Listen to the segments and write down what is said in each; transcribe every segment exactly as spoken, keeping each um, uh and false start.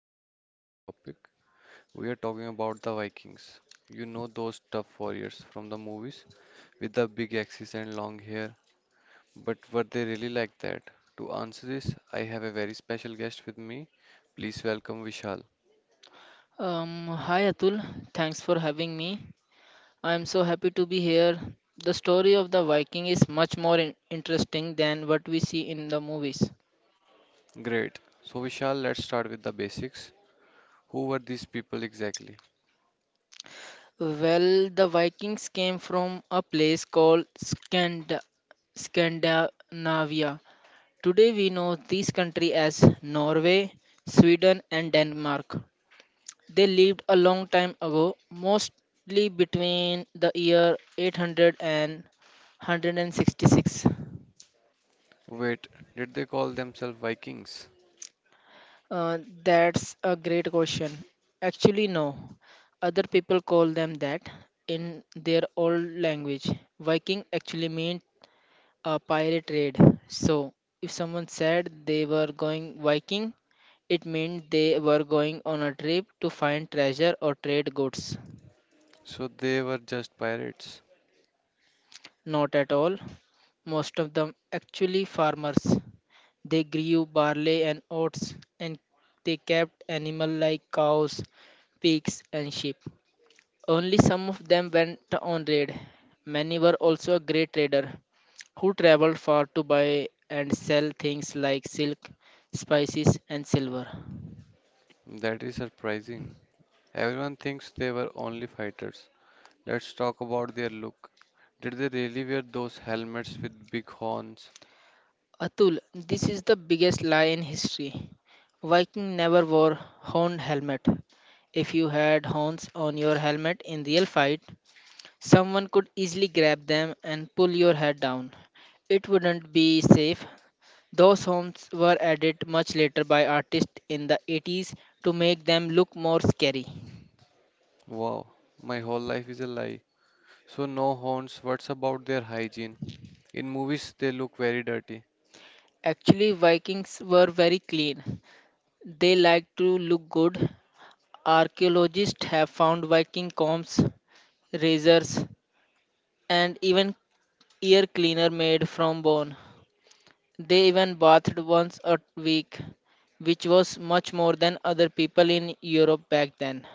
very exciting topic. We are talking about the Vikings. You know those tough warriors from the movies with the big axes and long hair, but were they really like that? To answer this, I have a very special guest with me. Please welcome Vishal. Um, hi Atul, thanks for having me. I am so happy to be here. The story of the Viking is much more in- interesting than what we see in the movies. Great. So Vishal, let's start with the basics. Who were these people exactly? Well, the Vikings came from a place called Scand- Scandinavia. Today we know this country as Norway, Sweden, and Denmark. They lived a long time ago, mostly between the year 800 and 166. Wait, did they call themselves Vikings? Uh, that's a great question. Actually, no. Other people call them that in their old language. Viking actually meant a pirate raid. So, if someone said they were going Viking, it meant they were going on a trip to find treasure or trade goods. So they were just pirates. Not at all. Most of them actually farmers. They grew barley and oats and they kept animals like cows, pigs, and sheep. Only some of them went on raid. Many were also a great trader who traveled far to buy and sell things like silk, spices, and silver. That is surprising. Everyone thinks they were only fighters. Let's talk about their look. Did they really wear those helmets with big horns? Atul, this is the biggest lie in history. Viking never wore horn helmet. If you had horns on your helmet in real fight, someone could easily grab them and pull your head down. It wouldn't be safe. Those homes were added much later by artists in the eighties to make them look more scary. Wow, my whole life is a lie. So, no horns, what's about their hygiene? In movies, they look very dirty. Actually, Vikings were very clean. They liked to look good. Archaeologists have found Viking combs, razors, and even ear cleaner made from bone. They even bathed once a week, which was much more than other people in Europe back then.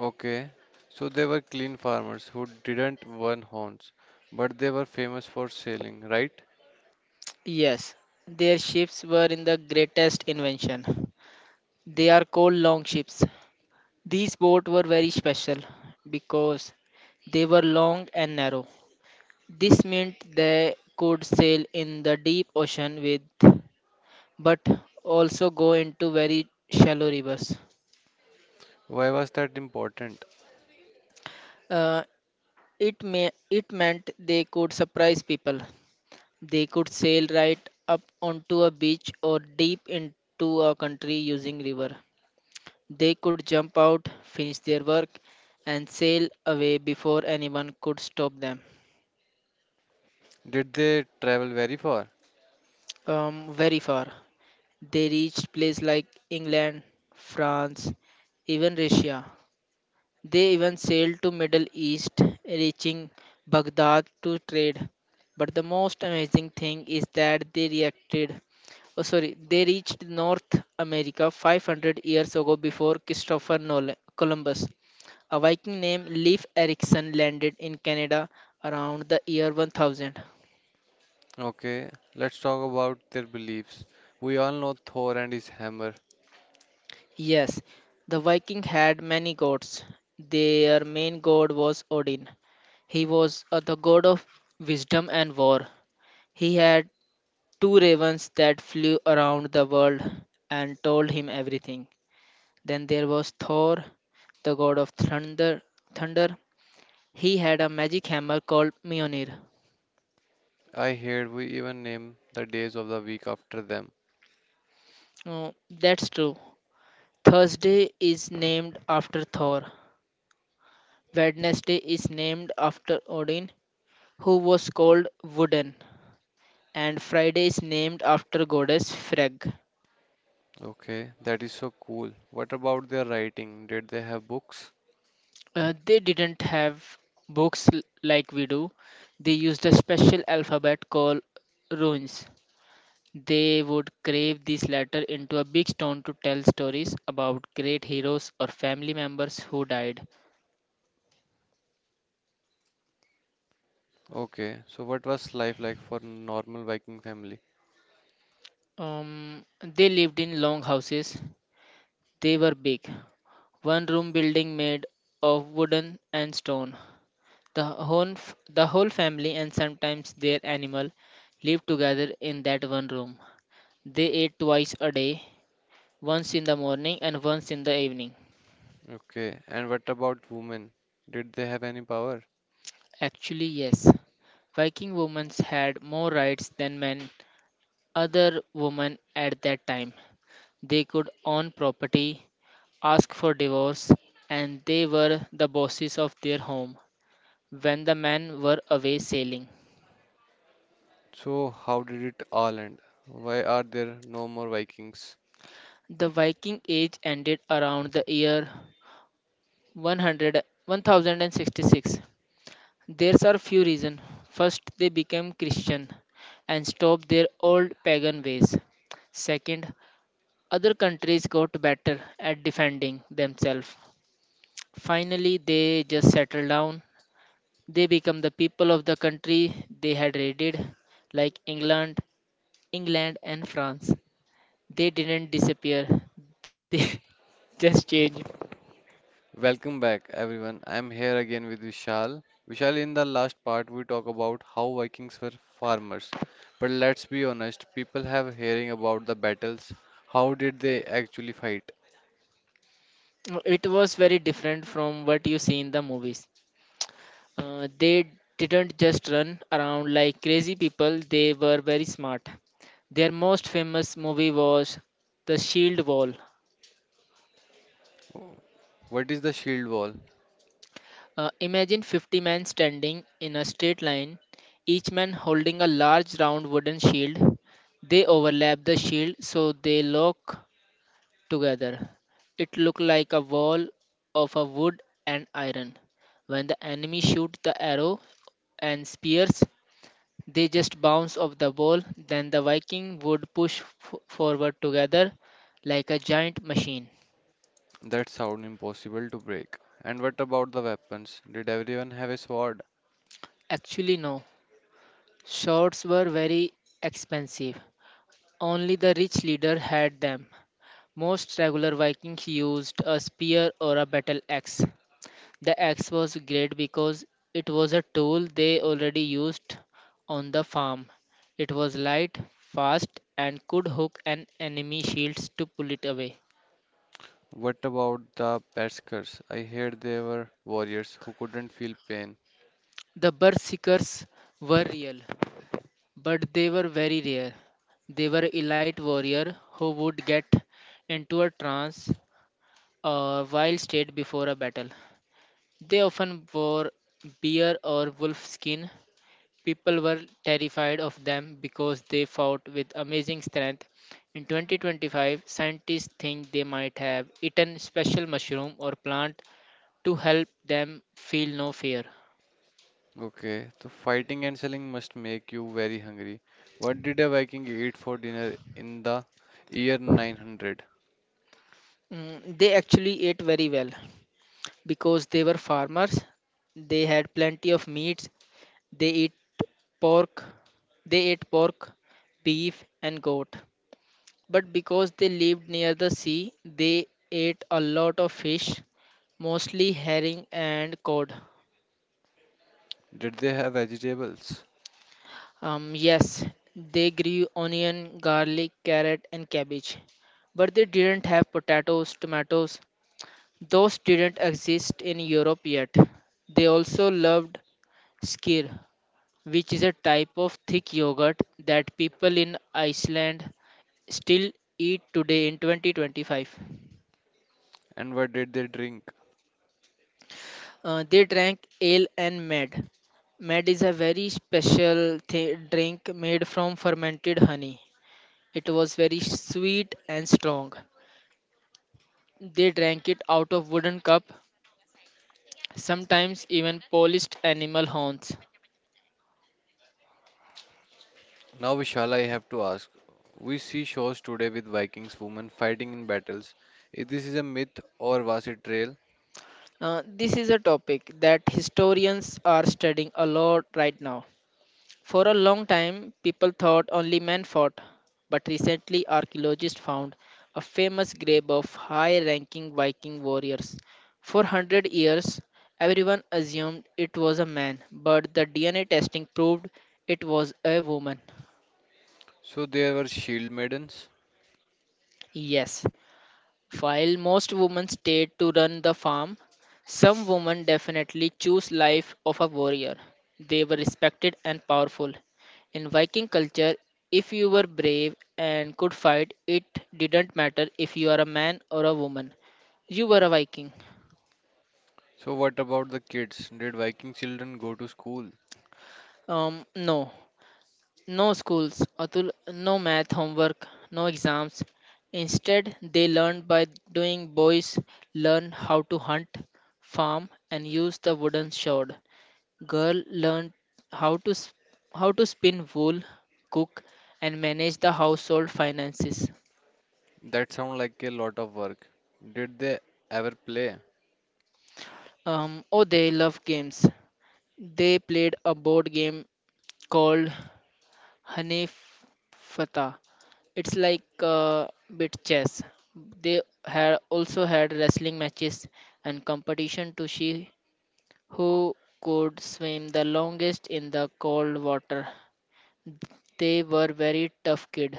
Okay, so they were clean farmers who didn't wear horns, but they were famous for sailing, right? Yes, their ships were in the greatest invention. They are called long ships. These boats were very special because they were long and narrow. This meant they could sail in the deep ocean with, but also go into very shallow rivers. Why was that important? Uh, it may it meant they could surprise people. They could sail right up onto a beach or deep into a country using river. They could jump out, finish their work, and sail away before anyone could stop them. Did they travel very far? Um, very far. They reached places like England, France, even Russia. They even sailed to Middle East, reaching Baghdad to trade. But the most amazing thing is that they reacted. Oh, sorry, they reached North America five hundred years ago before Christopher Nolan, Columbus. A Viking named Leif Erikson landed in Canada around the year one thousand. Okay, let's talk about their beliefs. We all know Thor and his hammer. Yes, the Viking had many gods. Their main god was Odin. He was uh, the god of wisdom and war. He had two ravens that flew around the world and told him everything. Then there was Thor, the god of thunder. Thunder. He had a magic hammer called Mjolnir. I heard we even name the days of the week after them. Oh, that's true. Thursday is named after Thor. Wednesday is named after Odin, who was called Wooden, and Friday is named after goddess Frigg. Okay, that is so cool. What about their writing? Did they have books? Uh, they didn't have books l- like we do. They used a special alphabet called runes. They would carve these letters into a big stone to tell stories about great heroes or family members who died. Okay, so what was life like for normal Viking family? Um, they lived in long houses. They were big. One room building made of wooden and stone. The whole, f- the whole family and sometimes their animal lived together in that one room. They ate twice a day, once in the morning and once in the evening. Okay, and what about women? Did they have any power? Actually, yes, Viking women had more rights than men. Other women at that time, they could own property, ask for divorce, and they were the bosses of their home when the men were away sailing. So how did it all end? Why are there no more Vikings? The Viking Age ended around the year one hundred, one thousand sixty-six. There are few reasons. First, they became Christian and stopped their old pagan ways. Second, other countries got better at defending themselves. Finally, they just settled down. They become the people of the country they had raided, like England, England and France. They didn't disappear. They just changed Welcome back, everyone. I'm here again with Vishal. Vishal, in the last part, we talk about how Vikings were farmers. But let's be honest, people have hearing about the battles. How did they actually fight? Uh, it was very different from what you see in the movies. Uh, they didn't just run around like crazy people, they were very smart. Their most famous movie was The Shield Wall. What is the shield wall? Uh, imagine fifty men standing in a straight line, each man holding a large round wooden shield. They overlap the shield so they lock together. It looked like a wall of a wood and iron. When the enemy shoot the arrow and spears, they just bounce off the wall. Then the Viking would push f- forward together like a giant machine. That sound impossible to break. And what about the weapons? Did everyone have a sword? Actually, no. Swords were very expensive. Only the rich leader had them. Most regular Vikings used a spear or a battle axe. The axe was great because it was a tool they already used on the farm. It was light, fast, and could hook an enemy shields to pull it away. What about the Berserkers? I heard they were warriors who couldn't feel pain. The berserkers were real, but they were very rare. They were elite warrior who would get into a trance or wild state before a battle. They often wore bear or wolf skin. People were terrified of them because they fought with amazing strength. In twenty twenty-five, scientists think they might have eaten special mushroom or plant to help them feel no fear. Okay, so fighting and selling must make you very hungry. What did a Viking eat for dinner in the year nine hundred? Mm, they actually ate very well because they were farmers. They had plenty of meats. They eat pork. They ate pork, beef, and goat. But because they lived near the sea, they ate a lot of fish, mostly herring and cod. Did they have vegetables? Um, yes, they grew onion, garlic, carrot, and cabbage, but they didn't have potatoes, tomatoes. Those didn't exist in Europe yet. They also loved skyr, which is a type of thick yogurt that people in Iceland still eat today in twenty twenty-five. And what did they drink? Uh, they drank ale and mad. Mad is a very special thi- drink made from fermented honey. It was very sweet and strong. They drank it out of wooden cup, sometimes even polished animal horns. Now, Vishal, I have to ask. We see shows today with Vikings women fighting in battles. Is this is a myth or was it real? Uh, this is a topic that historians are studying a lot right now. For a long time, people thought only men fought, but recently archaeologists found a famous grave of high ranking Viking warriors. For one hundred years, everyone assumed it was a man, but the D N A testing proved it was a woman. So there were shield maidens. Yes, while most women stayed to run the farm, some women definitely choose life of a warrior. They were respected and powerful. In Viking culture, if you were brave and could fight, it didn't matter if you are a man or a woman. You were a Viking. So what about the kids? Did Viking children go to school? Um, no, no schools, Atul, no math homework, no exams. Instead, they learned by doing. Boys learn how to hunt, farm, and use the wooden sword. Girl learned how to s- how to spin wool, cook, and manage the household finances. That sounds like a lot of work. Did they ever play? Um, oh, they love games. They played a board game called Hanif Fata. It's like uh, bit chess. They had also had wrestling matches and competition to see who could swim the longest in the cold water. They were very tough kid.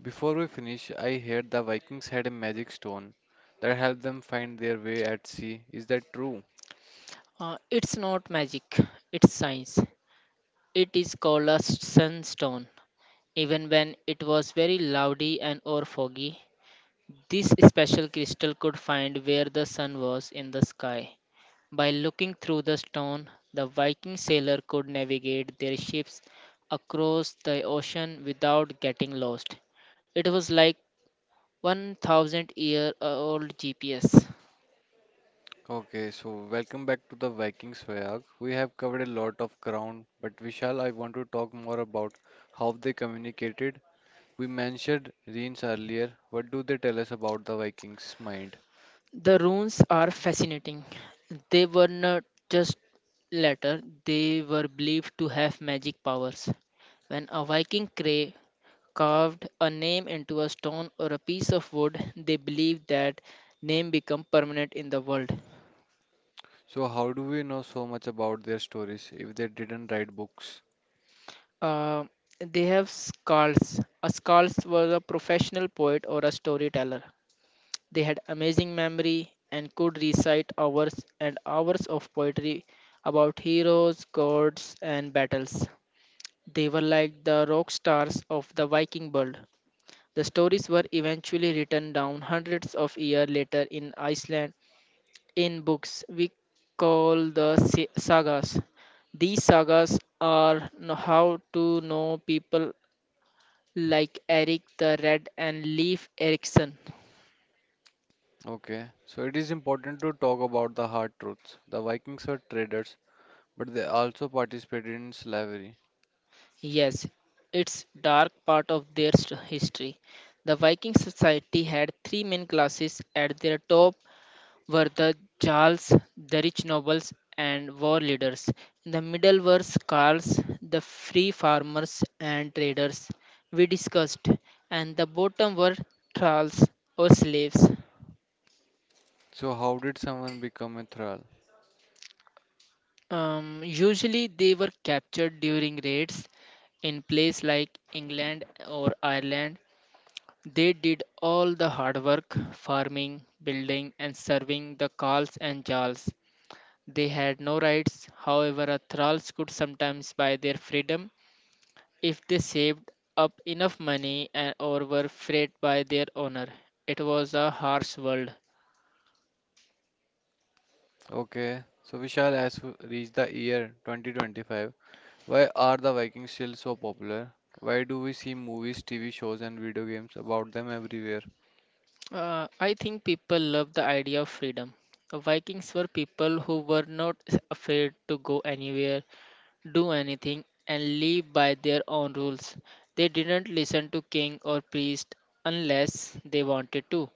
Before we finish, I heard the Vikings had a magic stone that helped them find their way at sea. Is that true? Uh, it's not magic, it's science. It is called a sunstone. Even when it was very cloudy and or foggy, this special crystal could find where the sun was in the sky. By looking through the stone, the Viking sailor could navigate their ships across the ocean without getting lost. It was like one thousand year old G P S. Okay, so welcome back to the Vikings Vayag. We have covered a lot of ground, but Vishal, I want to talk more about how they communicated. We mentioned runes earlier. What do they tell us about the Vikings' mind? The runes are fascinating. They were not just letter, they were believed to have magic powers. When a Viking cra- carved a name into a stone or a piece of wood, they believed that name become permanent in the world. So, how do we know so much about their stories if they didn't write books? Uh, they have skalds. A skald was a professional poet or a storyteller. They had amazing memory and could recite hours and hours of poetry about heroes, gods, and battles. They were like the rock stars of the Viking world. The stories were eventually written down hundreds of years later in Iceland in books we call the sa- sagas. These sagas are kn- how to know people like Eric the Red and Leif Erikson. Okay, so it is important to talk about the hard truths. The Vikings were traders, but they also participated in slavery. Yes, it's dark part of their st- history. The Viking society had three main classes. At their top were the Jarls, the rich nobles, and war leaders. In the middle were Skarls, the free farmers and traders we discussed, and the bottom were thralls or slaves. So, how did someone become a thrall? Um, usually they were captured during raids in places like England or Ireland. They did all the hard work, farming, building, and serving the Karls and Jarls. They had no rights, however, a thralls could sometimes buy their freedom if they saved up enough money and, or were freed by their owner. It was a harsh world. Okay, so Vishal, as we reach the year twenty twenty-five, why are the Vikings still so popular? Why do we see movies, T V shows, and video games about them everywhere? Uh, I think people love the idea of freedom. The Vikings were people who were not afraid to go anywhere do anything and live by their own rules. They didn't listen to king or priest unless they wanted to.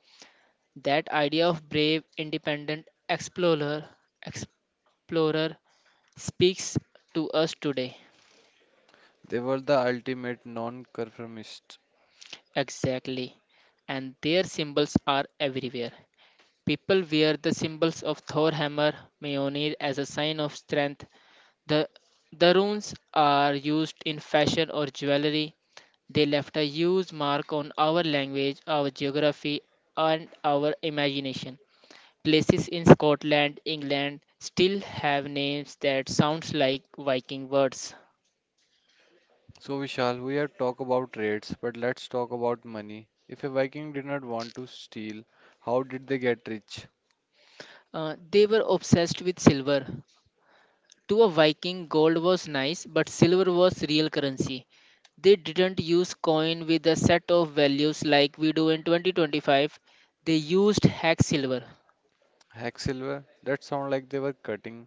That idea of brave, independent explorer, explorer speaks to us today. They were the ultimate non-conformists. Exactly. And their symbols are everywhere. People wear the symbols of Thor hammer, Mjolnir as a sign of strength, The the runes are used in fashion or jewelry. They left a huge mark on our language, our geography, and our imagination. Places in Scotland, England still have names that sounds like Viking words. So, Vishal, we have talked about trades, but let's talk about money. If a Viking did not want to steal, how did they get rich? Uh, they were obsessed with silver. To a Viking, gold was nice, but silver was real currency. They didn't use coin with a set of values like we do in twenty twenty-five. They used hex silver. Hacksilver? That sounds like they were cutting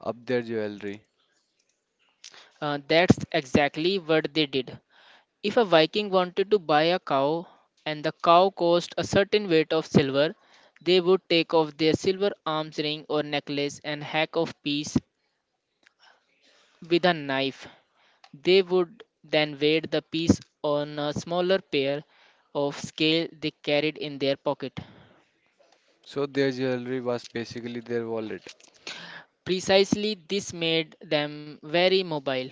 up their jewelry. Uh, that's exactly what they did. If a Viking wanted to buy a cow and the cow cost a certain weight of silver, they would take off their silver arms ring or necklace and hack off piece with a knife. They would then weigh the piece on a smaller pair of scale they carried in their pocket. So their jewelry was basically their wallet. Precisely this made them very mobile.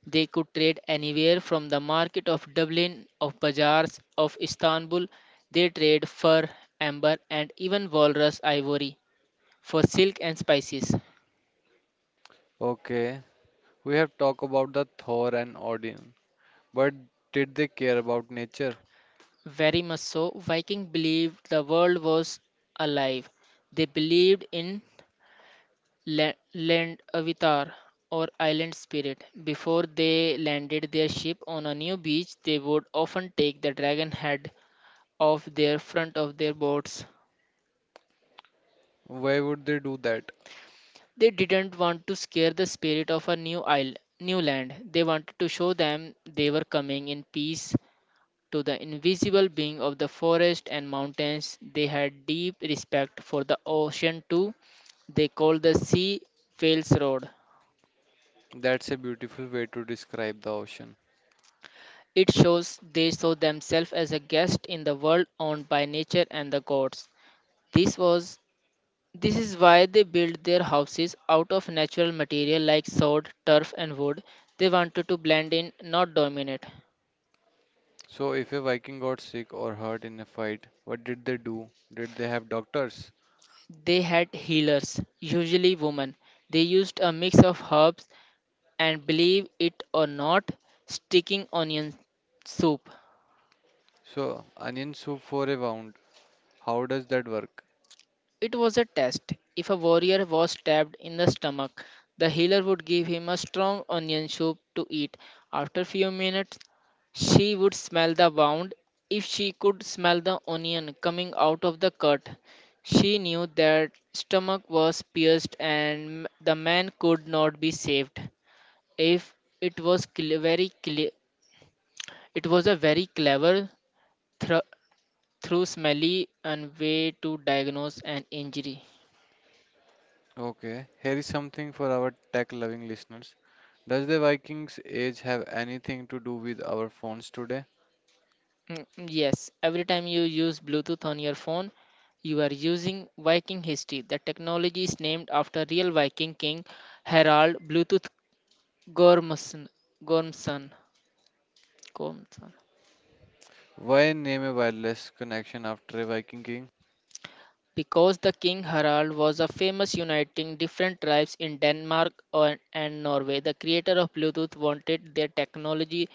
They could trade anywhere from the market of Dublin, of bazaars of Istanbul. They trade fur, amber, and even walrus ivory for silk and spices. Okay, we have talked about the Thor and Odin, but did they care about nature? Very much so, Viking believed the world was alive. They believed in la- land avatar or island spirit. Before they landed their ship on a new beach, they would often take the dragon head off their front of their boats. Why would they do that? They didn't want to scare the spirit of a new island, new land. They wanted to show them they were coming in peace to the invisible being of the forest and mountains. They had deep respect for the ocean too. They called the sea Wales Road. That's a beautiful way to describe the ocean. It shows they saw themselves as a guest in the world owned by nature and the gods. This was This is why they built their houses out of natural material like sod, turf, and wood. They wanted to blend in, not dominate. So if a Viking got sick or hurt in a fight, what did they do? Did they have doctors? They had healers, usually women. They used a mix of herbs and, believe it or not, sticking onion soup. So onion soup for a wound. How does that work? It was a test. If a warrior was stabbed in the stomach, the healer would give him a strong onion soup to eat. After few minutes, she would smell the wound. If she could smell the onion coming out of the cut, she knew that stomach was pierced and the man could not be saved. If it was cle- very cle- It was a very clever thr- through smelly and way to diagnose an injury. Okay, here is something for our tech-loving listeners. Does the Vikings' age have anything to do with our phones today? Mm, mm, Yes, every time you use Bluetooth on your phone, you are using Viking history. The technology is named after real Viking king Harald Bluetooth Gormson. Gormson. Gormson. Why name a wireless connection after a Viking king? Because the king Harald was a famous uniting different tribes in Denmark or- and Norway, the creator of Bluetooth wanted their technology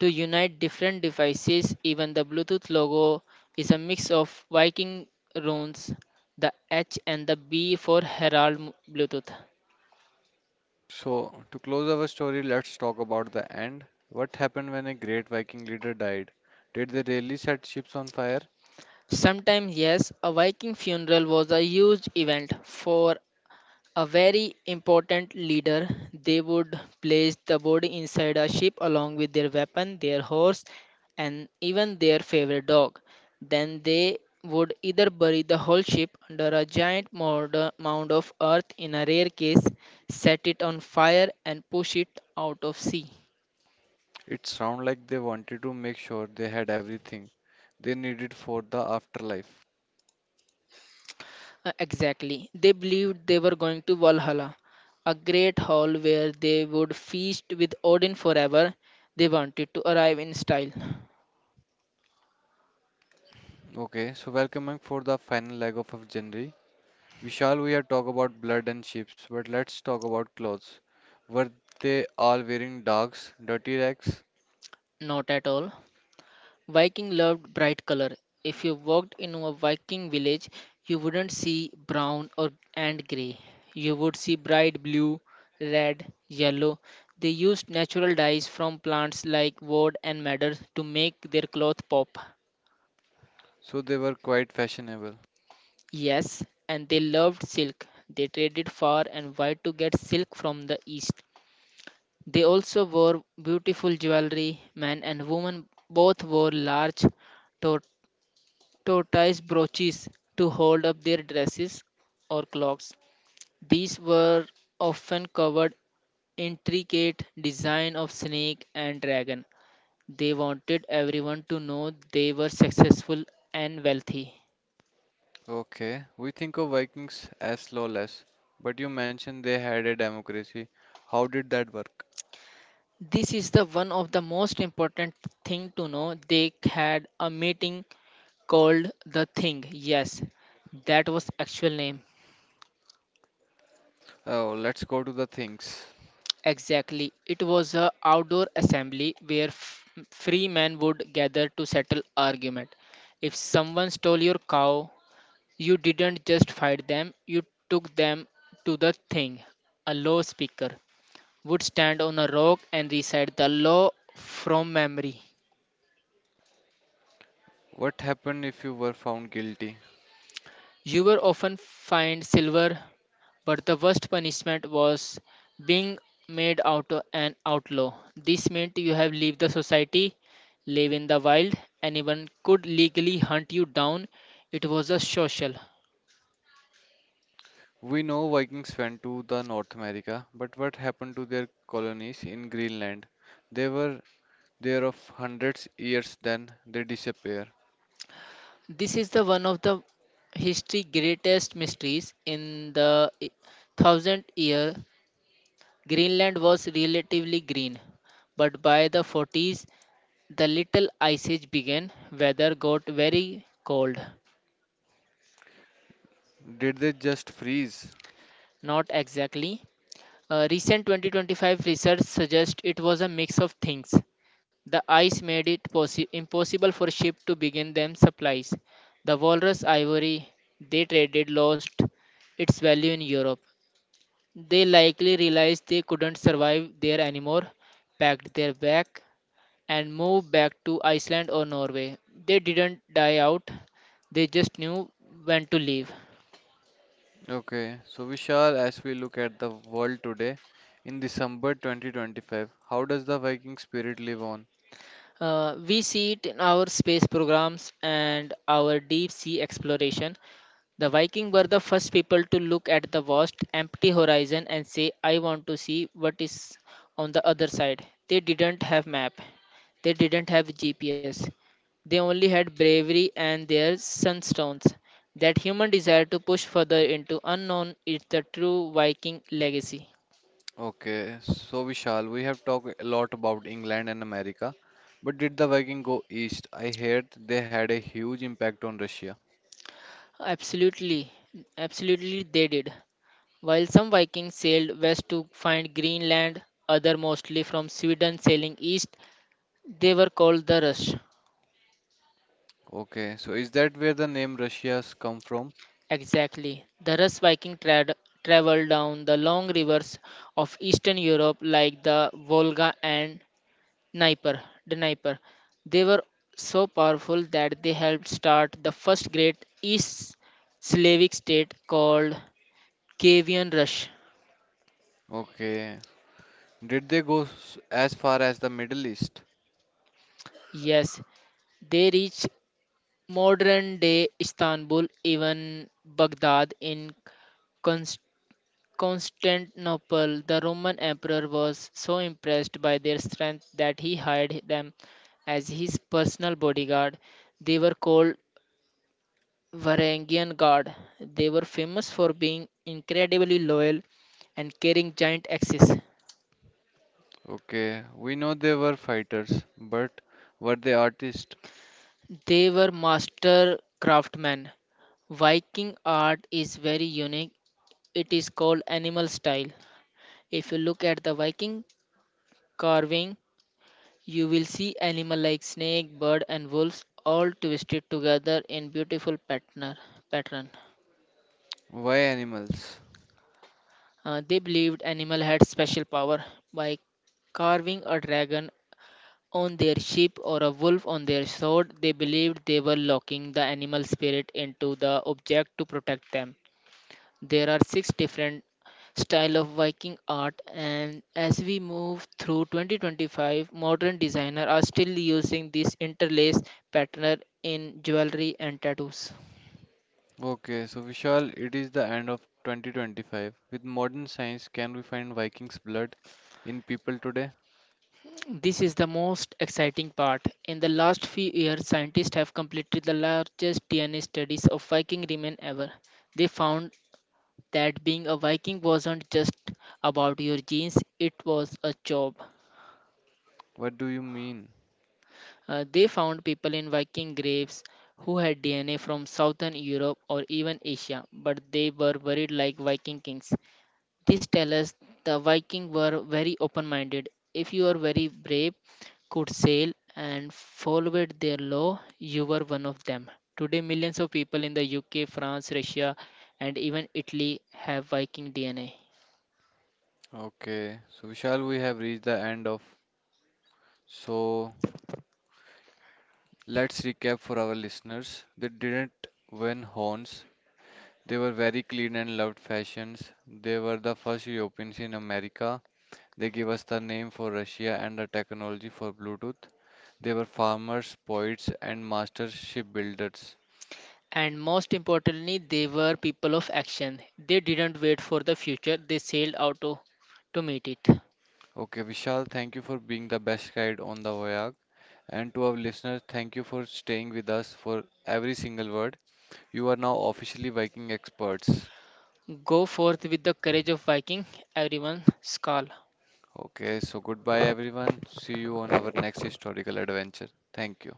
to unite different devices. Even the Bluetooth logo is a mix of Viking runes, the H and the B for Harald Bluetooth. So, to close our story, let's talk about the end. What happened when a great Viking leader died? Did they really set ships on fire? Sometimes, yes, a Viking funeral was a huge event for A very important leader, they would place the body inside a ship along with their weapon, their horse, and even their favorite dog. Then they would either bury the whole ship under a giant mound mound of earth in a rare case, set it on fire, and push it out of sea. It sounds like they wanted to make sure they had everything they needed for the afterlife. Uh, exactly. They believed they were going to Valhalla, a great hall where they would feast with Odin forever. They wanted to arrive in style. Okay, so welcome back for the final leg of our journey. Vishal, we have talked about blood and ships, but let's talk about clothes. Were they all wearing dogs, dirty rags? Not at all. Viking loved bright color. If you walked into a Viking village, you wouldn't see brown or and gray. You would see bright blue, red, yellow. They used natural dyes from plants like wood and madder to make their cloth pop. So they were quite fashionable. Yes, and they loved silk. They traded far and wide to get silk from the east. They also wore beautiful jewelry. Men and women both wore large to ties brooches to hold up their dresses or clocks. These were often covered intricate design of snake and dragon. They wanted everyone to know they were successful and wealthy. Okay, we think of Vikings as lawless, but you mentioned they had a democracy. How did that work? This is the one of the most important thing to know. They had a meeting called the Thing. Yes, that was actual name. Oh, let's go to the things. Exactly. It was a outdoor assembly where f- free men would gather to settle argument. If someone stole your cow, you didn't just fight them, you took them to the thing. A law speaker would stand on a rock and recite the law from memory. What happened if you were found guilty? You were often fined silver, but the worst punishment was being made out an outlaw. This meant you have leave the society, live in the wild. Anyone could legally hunt you down. It was a social. We know Vikings went to the North America, but what happened to their colonies in Greenland? They were there of hundreds years then they disappear. This is the one of the history greatest mysteries. In the i- thousand year, Greenland was relatively green, but by the forties, the little ice age began. Weather got very cold. Did they just freeze? Not exactly. Uh, recent twenty twenty-five research suggests it was a mix of things. The ice made it possi- impossible for ships to begin them supplies. The walrus ivory they traded lost its value in Europe. They likely realized they couldn't survive there anymore, packed their bag, and moved back to Iceland or Norway. They didn't die out, they just knew when to leave. Okay, so Vishal, as we look at the world today in December twenty twenty-five, how does the Viking spirit live on? Uh, we see it in our space programs and our deep sea exploration. The Vikings were the first people to look at the vast, empty horizon and say, I want to see what is on the other side. They didn't have map. They didn't have G P S. They only had bravery and their sunstones. That human desire to push further into unknown is the true Viking legacy. Okay, so Vishal, we have talked a lot about England and America, but did the Viking go east? I heard they had a huge impact on Russia. Absolutely, absolutely, they did. While some Vikings sailed west to find Greenland, others, mostly from Sweden, sailing east, they were called the Russ. Okay, so is that where the name Russia's come from? Exactly. The Russ Viking trad traveled down the long rivers of Eastern Europe like the Volga and Dnieper. Dnieper. They were so powerful that they helped start the first great East Slavic state called Kievan Rus. Okay, did they go s- as far as the Middle East? Yes, they reached Modern day Istanbul, even Baghdad in Const- Constantinople, the Roman emperor was so impressed by their strength that he hired them as his personal bodyguard. They were called Varangian Guard. They were famous for being incredibly loyal and carrying giant axes. Okay, we know they were fighters, but were they artists? They were master craftsmen. Viking art is very unique. It is called animal style. If you look at the Viking carving, you will see animals like snake, bird, and wolves all twisted together in beautiful patterner- pattern. Why animals? Uh, they believed animal had special power by carving a dragon on their ship or a wolf on their sword. They believed they were locking the animal spirit into the object to protect them. There are six different style of Viking art, and as we move through twenty twenty-five, modern designers are still using this interlace pattern in jewelry and tattoos. Okay, so Vishal, it is the end of twenty twenty-five. With modern science, can we find Vikings blood in people today? This is the most exciting part. In the last few years, scientists have completed the largest D N A studies of Viking remains ever. They found that being a Viking wasn't just about your genes, it was a job. What do you mean? Uh, they found people in Viking graves who had D N A from southern Europe or even Asia, but they were buried like Viking kings. This tells us the Vikings were very open minded. If you are very brave, could sail, and followed their law, you were one of them. Today, millions of people in the U K, France, Russia, and even Italy have Viking D N A. Okay, so Vishal, we have reached the end of. So let's recap for our listeners. They didn't win horns. They were very clean and loved fashions. They were the first Europeans in America. They gave us the name for Russia and the technology for Bluetooth. They were farmers, poets, and master shipbuilders. And most importantly, they were people of action. They didn't wait for the future, they sailed out to, to meet it. Okay, Vishal, thank you for being the best guide on the voyage. And to our listeners, thank you for staying with us for every single word. You are now officially Viking experts. Go forth with the courage of Viking, everyone, Skal. Okay, so goodbye everyone. See you on our next historical adventure. Thank you.